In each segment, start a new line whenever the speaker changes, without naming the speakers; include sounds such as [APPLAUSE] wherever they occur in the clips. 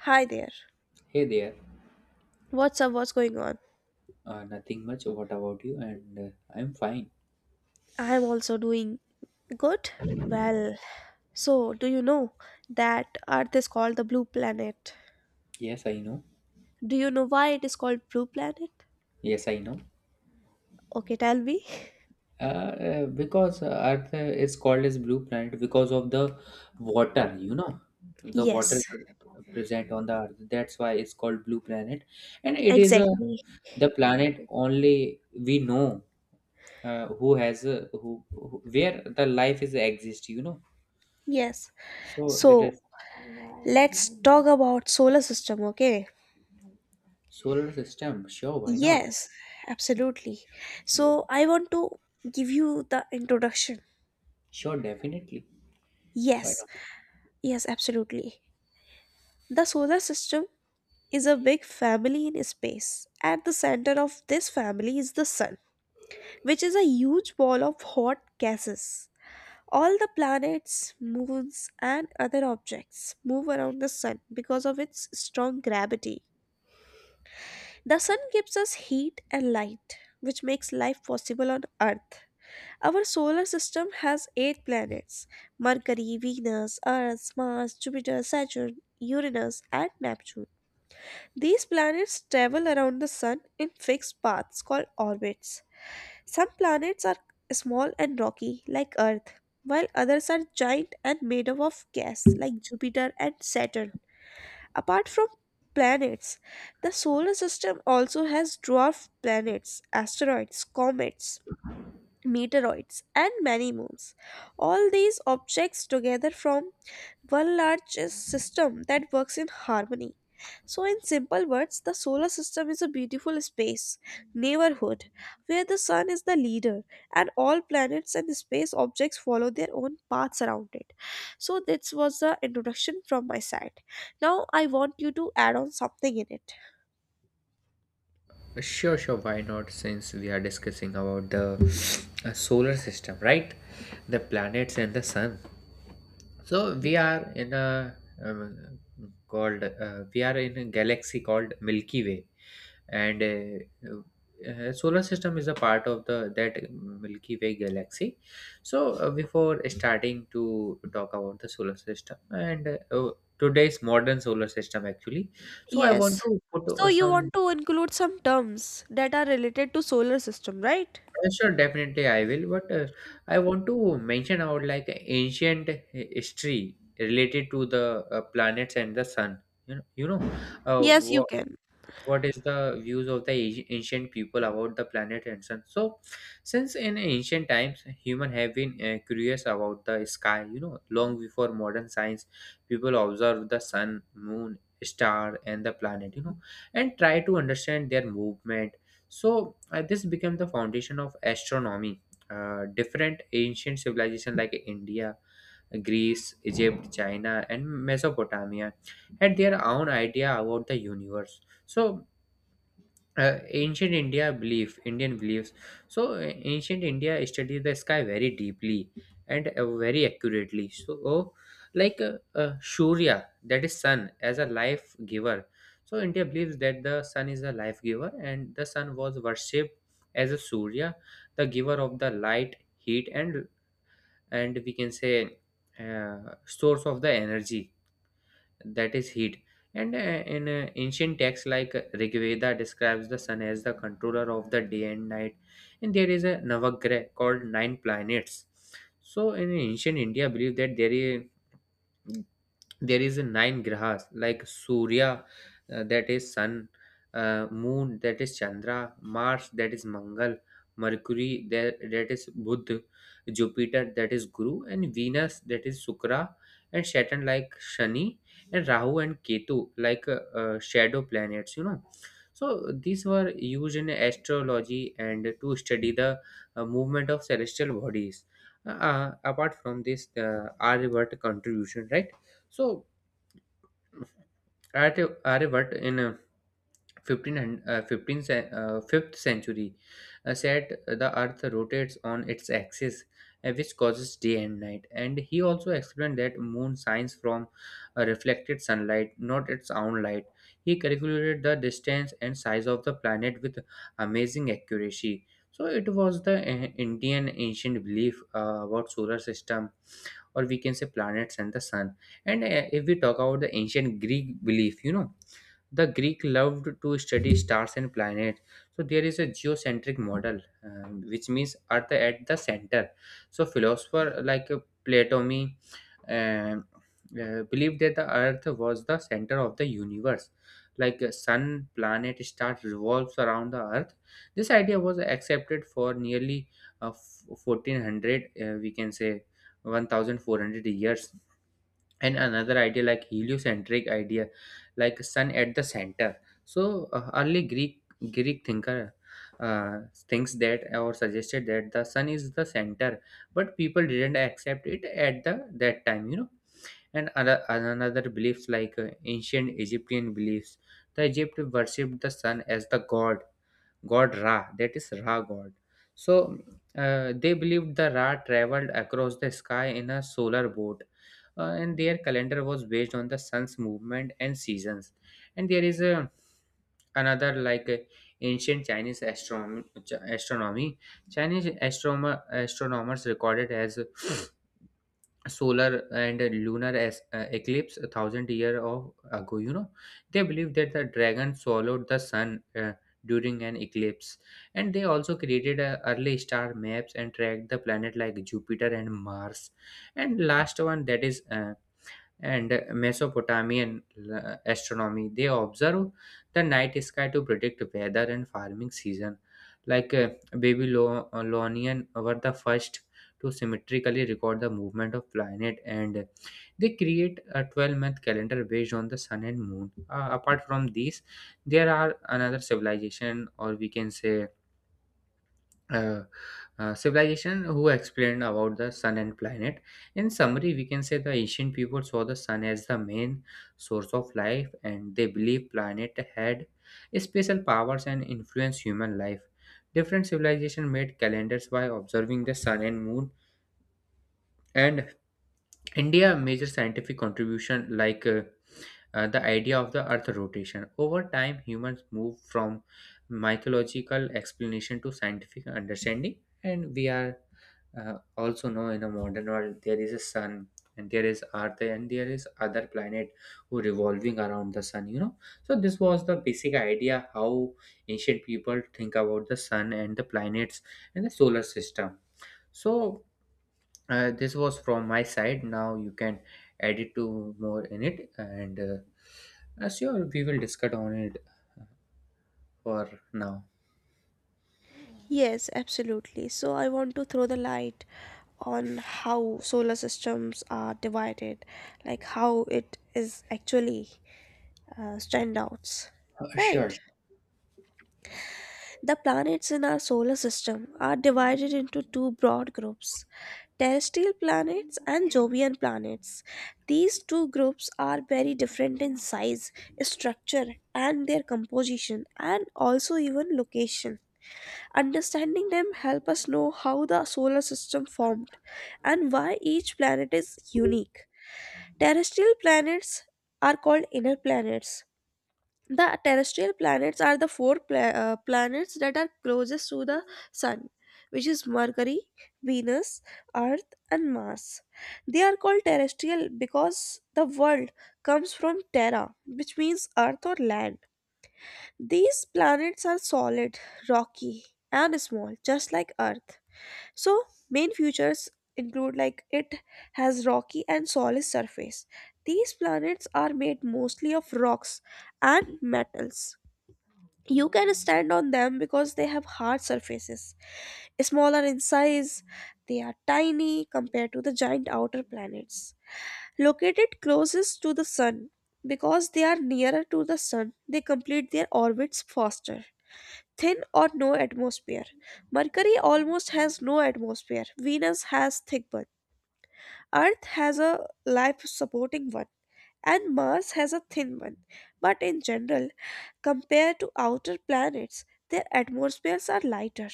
Hi there.
Hey there.
What's up? What's going on?
Nothing much. What about you? And I'm fine.
I'm also doing good. Well, so do you know that Earth is called the blue planet?
Yes, I know.
Do you know why it is called blue planet?
Yes, I know.
Okay, tell me.
Because Earth is called as blue planet because of the water. The water
Yes,
present on the Earth. That's why it's called blue planet, and it is a
exactly.
the planet only we know who has a, who where the life is exist. You know,
Yes.
so that
So
is
let's talk about solar system, okay?
solar system. Sure, why not?
Yes, absolutely.
Yeah.
So I want to give you the introduction.
Sure, definitely. Why
Yes, yes, absolutely. The solar system is a big family in space. At the center of this family is the Sun, which is a huge ball of hot gases. All the planets, moons, and other objects move around the Sun because of its strong gravity. The Sun gives us heat and light, which makes life possible on Earth. Our solar system has eight planets: Mercury, Venus, Earth, Mars, Jupiter, Saturn, Uranus, and Neptune. These planets travel around the Sun in fixed paths called orbits. Some planets are small and rocky, like Earth, while others are giant and made up of gas, like Jupiter and Saturn. Apart from planets, the solar system also has dwarf planets, asteroids, comets, meteoroids, and many moons. All these objects together form one large system that works in harmony. So, in simple words, the solar system is a beautiful space neighborhood, where the sun is the leader and all planets and space objects follow their own paths around it. So, this was the introduction from my side. Now, I want you to add on something in it.
Sure, sure. Why not? Since we are discussing about the solar system, right? The planets and the sun. So we are in a um, called we are in a galaxy called Milky Way, and solar system is a part of the that Milky Way galaxy. So before starting to talk about the solar system and today's modern solar system actually, so I want
Yes.
to put
So you want
some.
to include some terms that are related to solar system, right?
Sure, definitely I will. But I want to mention about like ancient history related to the planets and the sun.
Yes, you
Uh,
can.
what is the views of the ancient people about the planet and sun, so since in ancient times human have been curious about the sky, long before modern science, people observe the sun, moon, star, and the planet, and try to understand their movement. So this became the foundation of astronomy. Different ancient civilization like India, Greece, Egypt, China, and Mesopotamia had their own idea about the universe. So ancient india belief Indian beliefs. So ancient India studied the sky very deeply and very accurately. So, like, Surya, that is sun as a life giver. So India believes that the sun is a life giver, and the sun was worshipped as a Surya, the giver of the light, heat, and we can say uh, source of the energy, that is heat. And in ancient texts, like Rigveda describes the sun as the controller of the day and night. And there is a navagrah called nine planets. So in ancient India, believe that there is a nine grahas, like Surya, that is sun, moon that is Chandra, Mars that is Mangal, Mercury that is Buddh, Jupiter that is Guru, and Venus that is Shukra, and Saturn like Shani, and Rahu and Ketu like shadow planets. So these were used in astrology and to study the movement of celestial bodies. Apart from this, Aryabhata contribution, right? So Arrevat in 1500, 15th, 5th century said the Earth rotates on its axis, which causes day and night, and he also explained that moon shines from reflected sunlight, not its own light. He calculated the distance and size of the planet with amazing accuracy. So it was the Indian ancient belief about solar system, or we can say planets and the sun. And if we talk about the ancient Greek belief, the Greek loved to study stars and planets. So there is a geocentric model, which means Earth at the center. So philosopher like Platony um, believed that the Earth was the center of the universe, like sun, planet, star revolves around the Earth. This idea was accepted for nearly 1400, we can say, 1400 years. And another idea like heliocentric idea, like sun at the center. So early Greek thinker uh, thinks that, or suggested that the sun is the center, but people didn't accept it at the that time. And another beliefs like ancient Egyptian beliefs. The Egypt worshipped the sun as the god Ra, that is Ra god. So they believed the Ra traveled across the sky in a solar boat, and their calendar was based on the sun's movement and seasons. And there is a another like ancient Chinese astronomy. Astronomy. Chinese astronomers recorded as solar and lunar eclipse a thousand year of ago. They believe that the dragon swallowed the sun during an eclipse. And they also created early star maps and tracked the planet like Jupiter and Mars. And last one, that is, and Mesopotamian astronomy. They observe the night sky to predict weather and farming season. Like Babylonian were the first to symmetrically record the movement of planet, and they create a 12-month calendar based on the sun and moon. Apart from these, there are another civilization, or we can say, uh, civilization who explained about the sun and planet. In summary, we can say the ancient people saw the sun as the main source of life, and they believed planet had special powers and influence human life. Different civilization made calendars by observing the sun and moon, and India major scientific contribution like the idea of the Earth rotation. Over time, humans move from mythological explanation to scientific understanding, and we are also know in a modern world there is a sun, and there is Earth, and there is other planet who revolving around the sun. So this was the basic idea how ancient people think about the sun and the planets and the solar system. So this was from my side. Now you can add it to more in it, and sure, we will discuss on it for now.
Yes, absolutely. So I want to throw the light on how solar systems are divided, like how it is actually standouts.
Sure.
Right. The planets in our solar system are divided into two broad groups: terrestrial planets and Jovian planets. These two groups are very different in size, structure, and their composition, and also even location. Understanding them help us know how the solar system formed and why each planet is unique. Terrestrial planets are called inner planets. The terrestrial planets are the four planets that are closest to the sun, which is Mercury, Venus, Earth, and Mars. They are called terrestrial because the world comes from terra, which means earth or land. These planets are solid, rocky, and small, just like Earth. So, main features include like it has rocky and solid surface. These planets are made mostly of rocks and metals. You can stand on them because they have hard surfaces. Smaller in size, they are tiny compared to the giant outer planets. Located closest to the sun, because they are nearer to the sun, they complete their orbits faster. Thin or no atmosphere. Mercury almost has no atmosphere. Venus has thick one. Earth has a life supporting one. And Mars has a thin one. But in general, compared to outer planets, their atmospheres are lighter.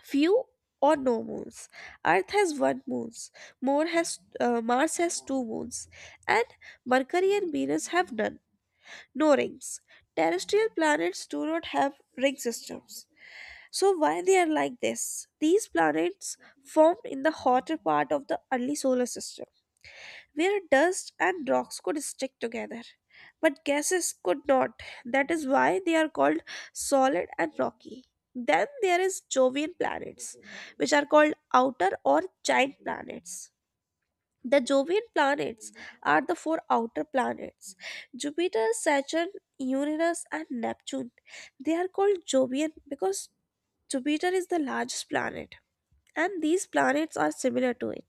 Few or no moons. Earth has one moons. More has Mars has two moons, and Mercury and Venus have none. No rings. Terrestrial planets do not have ring systems. So why they are like this? These planets formed in the hotter part of the early solar system, where dust and rocks could stick together, but gases could not. That is why they are called solid and rocky. Then there is Jovian planets, which are called outer or giant planets. The Jovian planets are the four outer planets: Jupiter, Saturn, Uranus, and Neptune. They are called Jovian because Jupiter is the largest planet, and these planets are similar to it.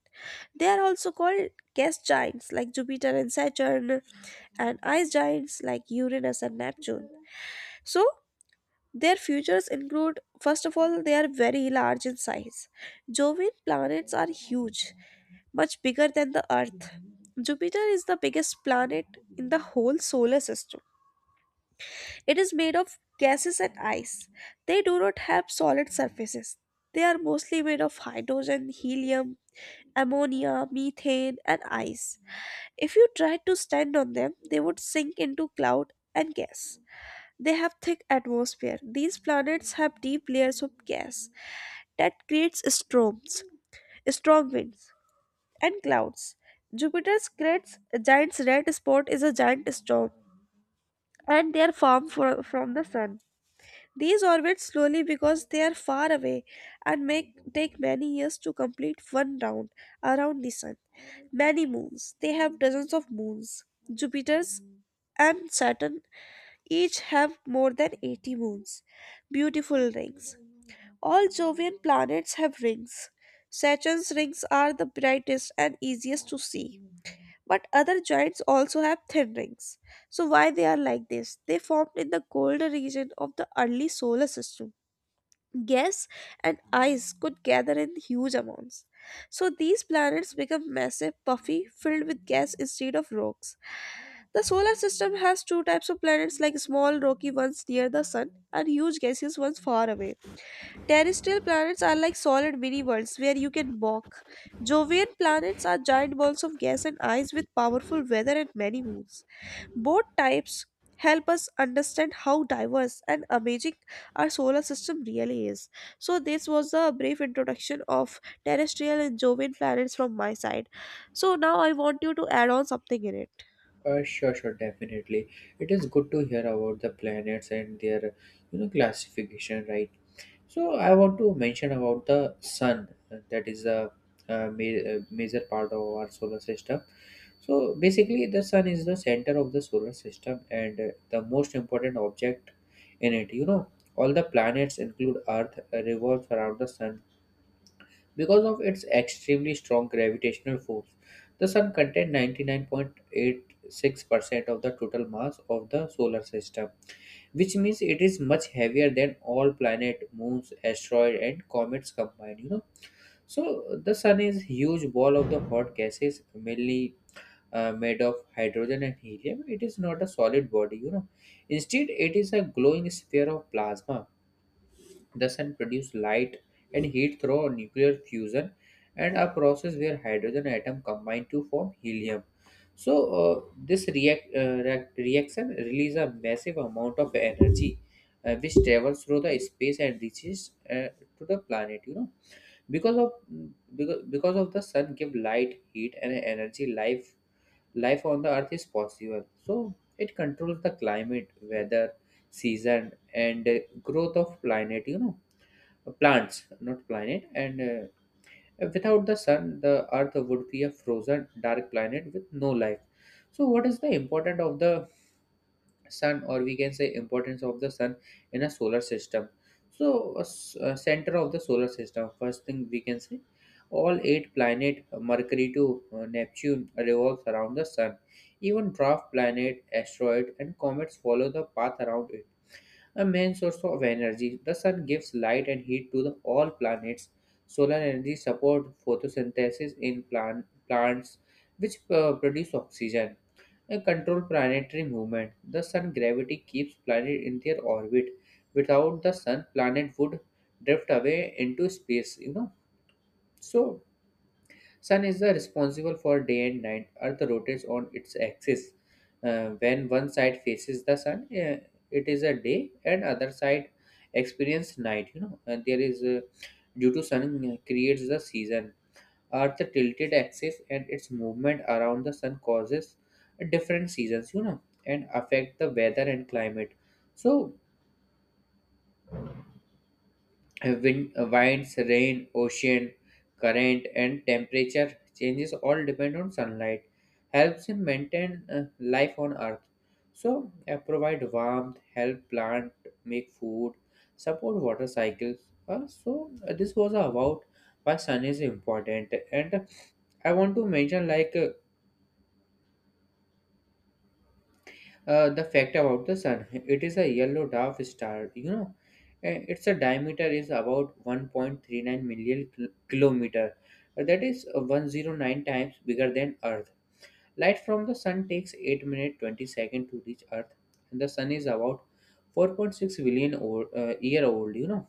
They are also called gas giants like Jupiter and Saturn, and ice giants like Uranus and Neptune. So, their futures include, first of all, they are very large in size. Jovian planets are huge, much bigger than the Earth. Jupiter is the biggest planet in the whole solar system. It is made of gases and ice. They do not have solid surfaces. They are mostly made of hydrogen, helium, ammonia, methane, and ice. If you tried to stand on them, they would sink into cloud and gas. They have thick atmosphere. These planets have deep layers of gas that creates storms, strong winds, and clouds. Jupiter's great giant red spot is a giant storm, and they are far from the sun. These orbit slowly because they are far away and make take many years to complete one round around the sun. Many moons. They have dozens of moons. Jupiter's and Saturn each have more than 80 moons. Beautiful rings. All Jovian planets have rings. Saturn's rings are the brightest and easiest to see. But other giants also have thin rings. So why they are like this? They formed in the colder region of the early solar system. Gas and ice could gather in huge amounts. So these planets become massive, puffy, filled with gas instead of rocks. The solar system has two types of planets, like small rocky ones near the sun and huge gaseous ones far away. Terrestrial planets are like solid mini worlds where you can walk. Jovian planets are giant balls of gas and ice with powerful weather and many moons. Both types help us understand how diverse and amazing our solar system really is. So, this was a brief introduction of terrestrial and Jovian planets from my side. So, now I want you to add on something in it.
Sure, sure, definitely. It is good to hear about the planets and their, classification, right? So I want to mention about the sun. That is a, major part of our solar system. So basically, the sun is the center of the solar system and the most important object in it. All the planets, include Earth, revolve around the sun because of its extremely strong gravitational force. The Sun contains 99.86% of the total mass of the solar system, which means it is much heavier than all planet, moons, asteroid, and comets combined. So the Sun is huge ball of the hot gases, mainly made of hydrogen and helium. It is not a solid body. Instead, it is a glowing sphere of plasma. The sun produces light and heat through nuclear fusion, and a process where hydrogen atom combine to form helium. So this reaction releases a massive amount of energy, which travels through the space and reaches to the planet. because of because of the sun give light, heat, and energy, life on the Earth is possible, so it controls the climate, weather, season, and growth of planet, plants, not planet. And without the sun, the Earth would be a frozen, dark planet with no life. So, what is the importance of the sun, or we can say importance of the sun in a solar system? So, center of the solar system. First thing we can say, all eight planet, Mercury to Neptune, revolves around the sun. Even dwarf planet, asteroid, and comets follow the path around it. A main source of energy, the sun gives light and heat to the all planets. Solar energy supports photosynthesis in plants, which produce oxygen. A control planetary movement. The sun gravity keeps planet in their orbit. Without the sun, planet would drift away into space. So Sun is the responsible for day and night. Earth rotates on its axis. When one side faces the sun, it is a day, and other side experience night. And there is due to sun creates the season. Earth tilted axis and its movement around the sun causes different seasons. And affect the weather and climate. So, winds, rain, ocean, current, and temperature changes all depend on sunlight. Helps in maintain life on Earth. So, provide warmth, help plant make food, support water cycles. So, this was about why sun is important. And I want to mention like the fact about the sun, it is a yellow dwarf star. Its a diameter is about 1.39 million kilometer. That is 109 times bigger than Earth. Light from the sun takes 8 minutes 20 seconds to reach Earth, and the sun is about 4.6 billion or, year old.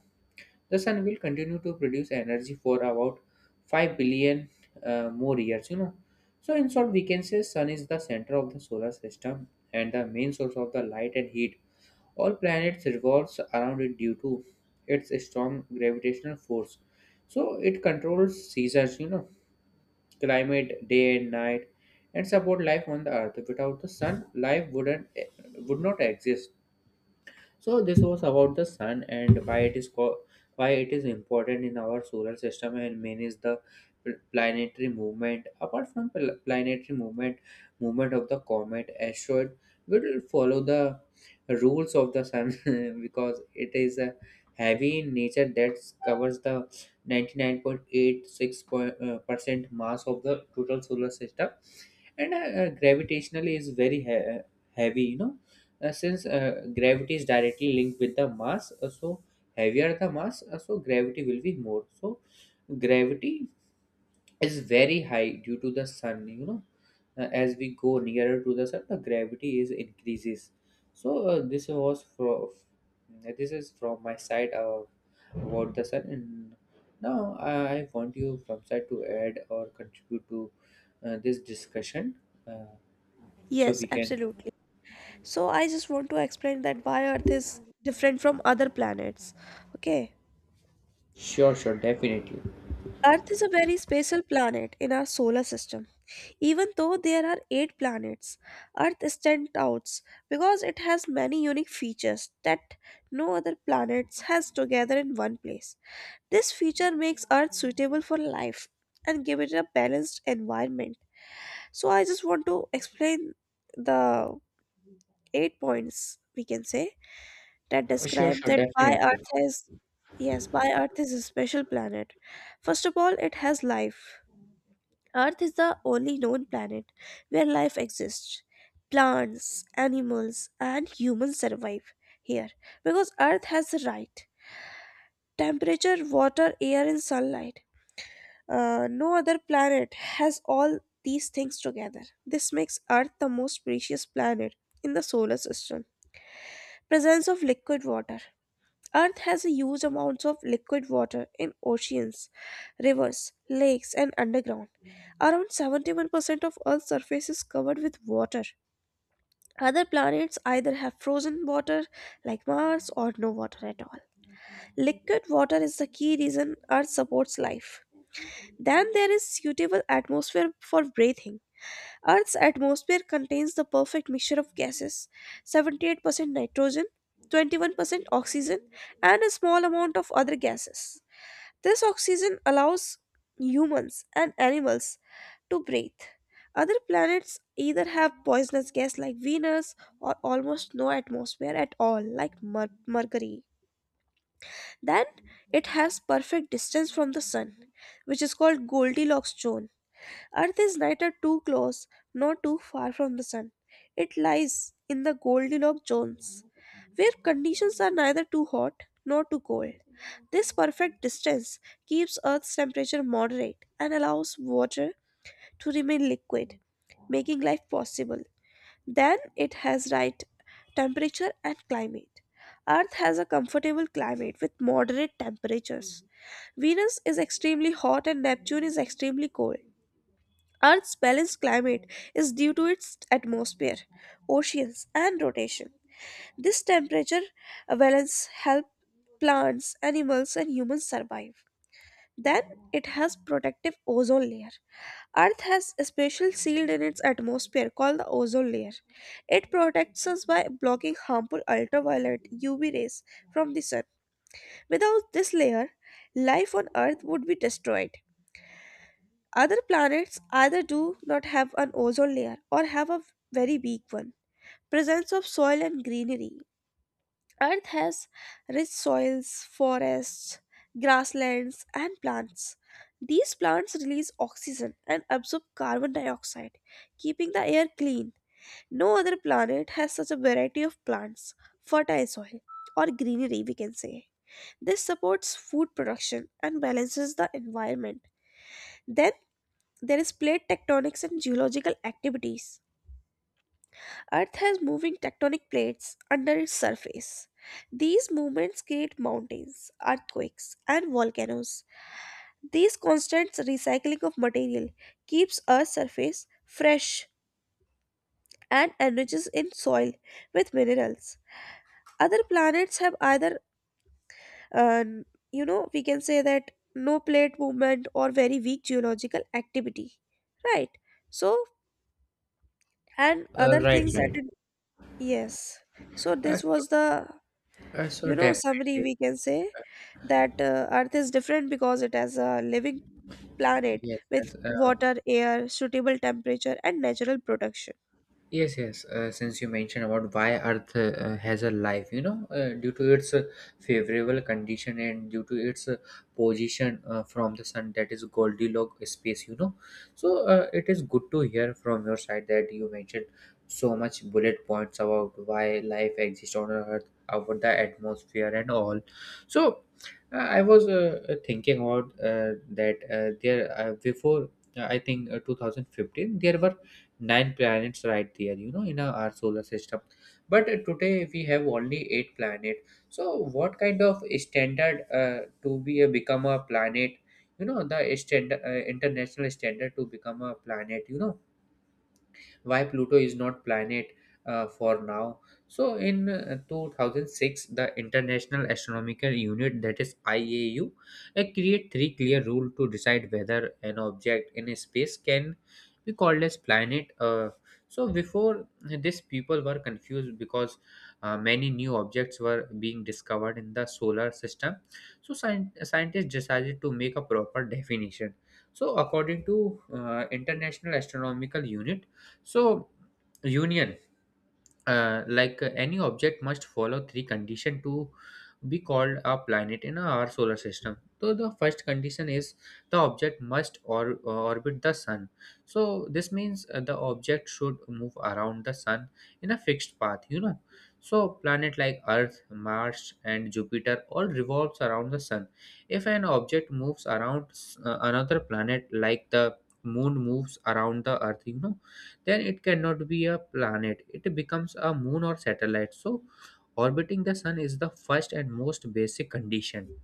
The sun will continue to produce energy for about 5 billion more years. So in short, we can say sun is the center of the solar system and the main source of the light and heat. All planets revolves around it due to its strong gravitational force. So it controls seasons, climate, day and night, and support life on the earth. Without the sun, life would not exist. So this was about the sun and why it is important in our solar system and manages the planetary movement. Apart from planetary movement, movement of the comet, asteroid will follow the rules of the sun [LAUGHS] because it is a heavy in nature that covers the 99.86% mass of the total solar system, and gravitationally is very heavy. Since gravity is directly linked with the mass, so heavier the mass, so gravity will be more, so gravity is very high due to the sun. As we go nearer to the sun, the gravity is increases, so this is from my side about the sun and now, I want you from side to add or contribute to this discussion uh, so
Yes,
we can.
absolutely. So I just want to explain that why Earth is different from other planets. Okay.
Sure, sure, definitely.
Earth is a very special planet in our solar system. Even though there are eight planets, Earth stands out because it has many unique features that no other planets has together in one place. This feature makes Earth suitable for life and give it a balanced environment. So I just want to explain the eight points we can say that
Sure,
describe
sure,
that why
definitely.
Earth is, yes, why Earth is a special planet. First of all, it has life. Earth is the only known planet where life exists. Plants, animals, and humans survive here because Earth has the right temperature, water, air, and sunlight. No other planet has all these things together. This makes Earth the most precious planet in the solar system. Presence of liquid water. Earth has a huge amounts of liquid water in oceans, rivers, lakes, and underground. Around 71% of Earth's surface is covered with water. Other planets either have frozen water like Mars or no water at all. Liquid water is the key reason Earth supports life. Then there is suitable atmosphere for breathing. Earth's atmosphere contains the perfect mixture of gases: 78% nitrogen, 21% oxygen, and a small amount of other gases. This oxygen allows humans and animals to breathe. Other planets either have poisonous gas like Venus or almost no atmosphere at all like Mercury. Then it has perfect distance from the sun, which is called Goldilocks zone. Earth is neither too close nor too far from the sun. It lies in the Goldilocks zones, where conditions are neither too hot nor too cold. This perfect distance keeps Earth's temperature moderate and allows water to remain liquid, making life possible. Then it has right temperature and climate. Earth has a comfortable climate with moderate temperatures. Venus is extremely hot and Neptune is extremely cold. Earth's balanced climate is due to its atmosphere, oceans, and rotation. This temperature balance helps plants, animals, and humans survive. Then it has protective ozone layer. Earth has a special shield in its atmosphere called the ozone layer. It protects us by blocking harmful ultraviolet UV rays from the sun. Without this layer, life on Earth would be destroyed. Other planets either do not have an ozone layer or have a very weak one. Presence of soil and greenery. Earth has rich soils, forests, grasslands, and plants. These plants release oxygen and absorb carbon dioxide, keeping the air clean. No other planet has such a variety of plants, fertile soil, or greenery, we can say. This supports food production and balances the environment. Then there is plate tectonics and geological activities. Earth has moving tectonic plates under its surface. These movements create mountains, earthquakes, and volcanoes. This constant recycling of material keeps Earth's surface fresh and enriches in soil with minerals. Other planets have either, uh, you know, we can say that no plate movement or very weak geological activity, right? So, and other
Right,
things that,
right.
yes. So
uh,
this
so,
was the,
uh, so
you know, summary
definitely.
we can say that Earth is different because it has a living planet
Yes,
with
yes.
water, air, suitable temperature, and natural protection.
Yes, yes. Since you mentioned about why Earth has a life, due to its favorable condition and due to its position from the sun, that is Goldilocks space. So it is good to hear from your side that you mentioned so much bullet points about why life exists on Earth, about the atmosphere and all. So I was thinking about that there before. I think 2015 there were nine planets right there, in our solar system, but today we have only eight planets. So what kind of standard, to be a become a planet, the standard, international standard to become a planet, why Pluto is not planet for now? So in 2006, the International Astronomical Unit, that is IAU, create three clear rule to decide whether an object in space can be called as planet. So before this, people were confused because many new objects were being discovered in the solar system, so scientists decided to make a proper definition. So according to International Astronomical Unit, so, union, any object must follow three conditions to be called a planet in our solar system. So, the first condition is the object must orbit the sun. So, this means the object should move around the sun in a fixed path. So, planet like Earth, Mars, and Jupiter all revolves around the sun. If an object moves around another planet, like the moon moves around the Earth, then it cannot be a planet. It becomes a moon or satellite. So, orbiting the sun is the first and most basic condition.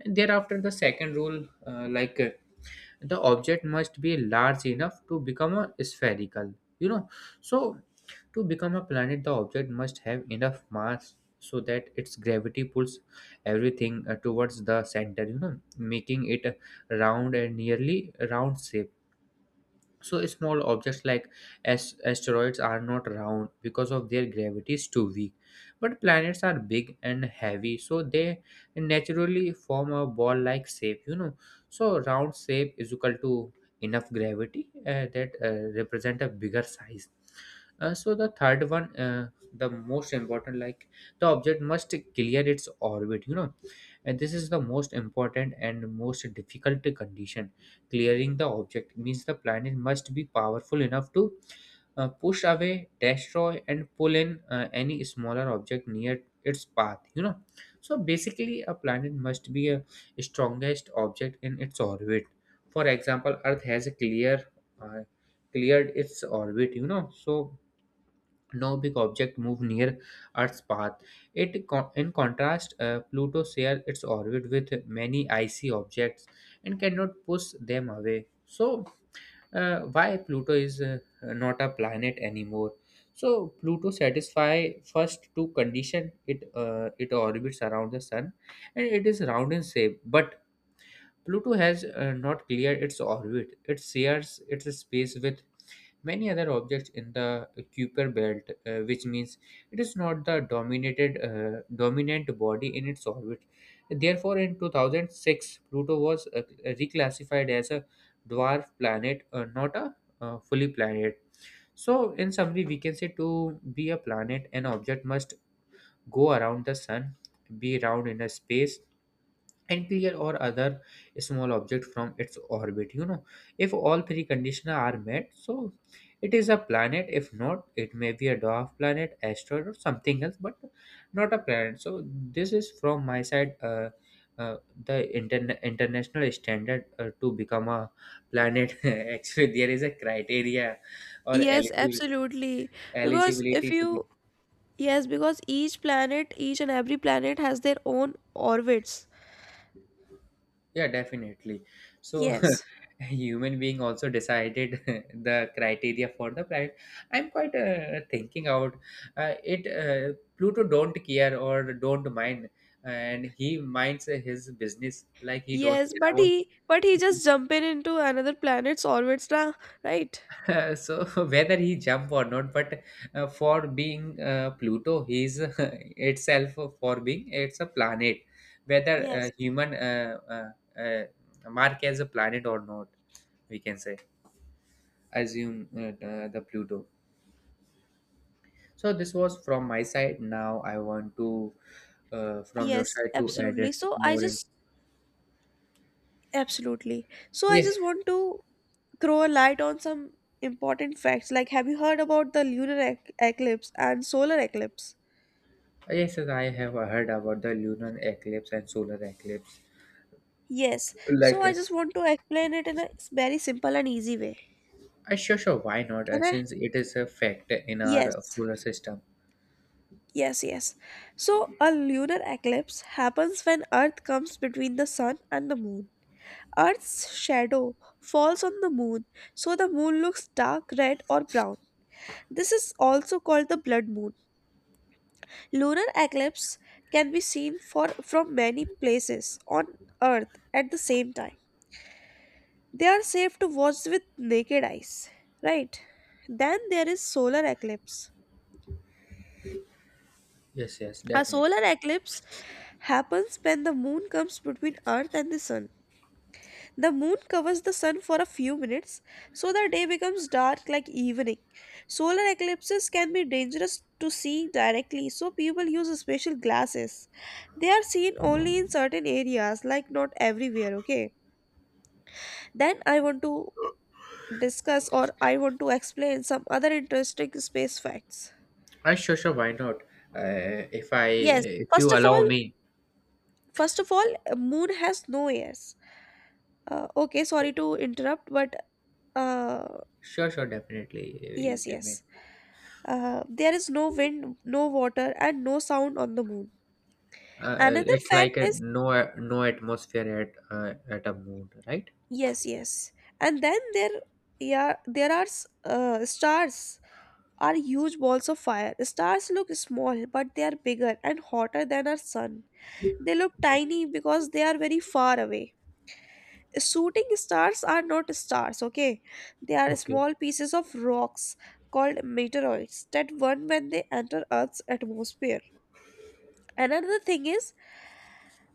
And thereafter, the second rule, the object must be large enough to become a spherical. You know, so to become a planet, the object must have enough mass so that its gravity pulls everything towards the center, making it a round and nearly round shape. So small objects like asteroids are not round because of their gravity is too weak. But planets are big and heavy, so they naturally form a ball-like shape, so round shape is equal to enough gravity that represent a bigger size. So the third one, the most important, like the object must clear its orbit, and this is the most important and most difficult condition. Clearing the object means the planet must be powerful enough to push away, destroy, and pull in any smaller object near its path. So basically, a planet must be a strongest object in its orbit. For example, earth has a clear uh, cleared its orbit, so no big object move near Earth's path. It, in contrast, Pluto shares its orbit with many icy objects and cannot push them away. So, why Pluto is not a planet anymore? So, Pluto satisfy first two condition. It orbits around the sun, and it is round in shape. But Pluto has not cleared its orbit. It shares its space with many other objects in the Kuiper belt, which means it is not the dominated dominant body in its orbit. Therefore, in 2006, Pluto was reclassified as a dwarf planet, not a fully planet. So, in summary, we can say to be a planet, an object must go around the sun, be round in a space, and clear or other small object from its orbit. If all three conditions are met, so it is a planet. If not, it may be a dwarf planet, asteroid, or something else, but not a planet. So this is from my side, uh, the international standard to become a planet. [LAUGHS] Actually, there is a criteria or
Yes,
eligibility
absolutely. Because if
eligibility to.
you, yes, because each planet, each and every planet has their own orbits.
Yeah, definitely. So,
Yes.
[LAUGHS] human being also decided [LAUGHS] the criteria for the planet. I'm quite thinking out it. Pluto don't care or don't mind, and he minds his business like he don't
Yes,
care
but
about.
he just jumping into another planet's orbits now, right?
[LAUGHS] So, [LAUGHS] whether he jump or not, but for being Pluto, he is [LAUGHS] itself for being it's a planet. Whether
Yes.
human mark as a planet or not, we can say. Assume the Pluto. So this was from my side. Now I want to, from your
Yes,
side, to add
absolutely.
it more. In.
So I
Yes,
just want to throw a light on some important facts. Like have you heard about the eclipse and solar eclipse?
yes, yes, I have heard about the lunar eclipse and solar eclipse.
Yes. So I
Like,
just want to explain it in a very simple and easy way.
sure, sure, why not?
Can I?
Since it is a fact in our
Yes.
solar system.
Yes, yes. So a lunar eclipse happens when Earth comes between the sun and the moon. Earth's shadow falls on the moon, so the moon looks dark red or brown. This is also called the blood moon. Lunar eclipse can be seen from many places on Earth at the same time. They are safe to watch with naked eyes, right? Then there is solar eclipse.
Yes, yes,
A
definitely.
solar eclipse happens when the moon comes between Earth and the sun. The moon covers the sun for a few minutes, so the day becomes dark like evening. Solar eclipses can be dangerous to see directly, so people use special glasses. They are seen only in certain areas, like not everywhere, okay? Then I want to discuss or I want to explain some other interesting space facts.
I sure, sure, why not? Uh, if I,
Yes,
if
first
you
of
allow
all,
me.
first of all, a moon has no ears. Okay,
Oh,
sorry to interrupt, but uh,
sure, sure, definitely, you
yes,
can make.
yes. There is no wind, no water, and no sound on the moon. Another
It's
fact
like a
is,
no no atmosphere at a moon, right?
yes, yes, and then there, yeah, there are stars are huge balls of fire. Stars look small, but they are bigger and hotter than our sun. They look tiny because they are very far away. Shooting stars are not stars, okay? They are
Okay.
small pieces of rocks called meteoroids that burn when they enter Earth's atmosphere. Another thing is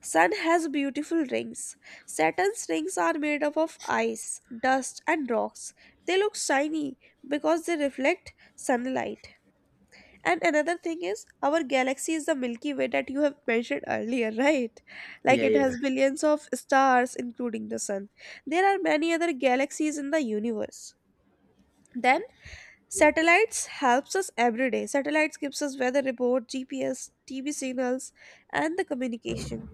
Sun has beautiful rings. Saturn's rings are made up of ice, dust, and rocks. They look shiny because they reflect sunlight. And another thing is, our galaxy is the Milky Way that you have mentioned earlier, [LAUGHS] right? Like
Yeah,
it
yeah.
has billions of stars, including the sun. There are many other galaxies in the universe. Then, satellites helps us every day. Satellites gives us weather report, GPS, TV signals, and the communication.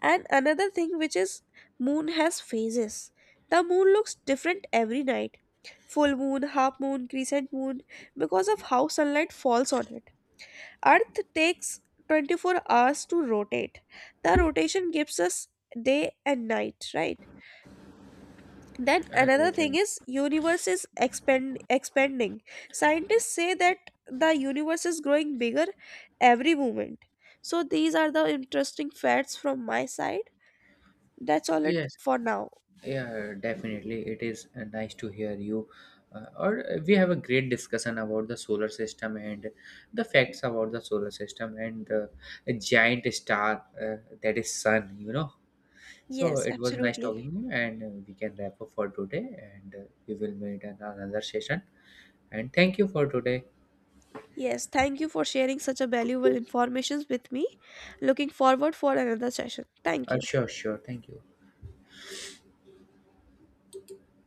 And another thing which is moon has phases. The moon looks different every night. Full moon, half moon, crescent moon, because of how sunlight falls on it. Earth takes 24 hours to rotate. The rotation gives us day and night, right? Then another
Right, right.
thing is universe is expanding. Scientists say that the universe is growing bigger every moment. So these are the interesting facts from my side. That's all it
Yes.
for now.
Yeah, definitely. It is nice to hear you. Or We have a great discussion about the solar system and the facts about the solar system and the giant star, that is sun. So
Yes,
it was nice
absolutely.
talking to you, and we can wrap up for today, and we will meet in another session. And thank you for today.
Yes, thank you for sharing such a valuable information with me. Looking forward for another session. Thank you.
Sure, sure. Thank you.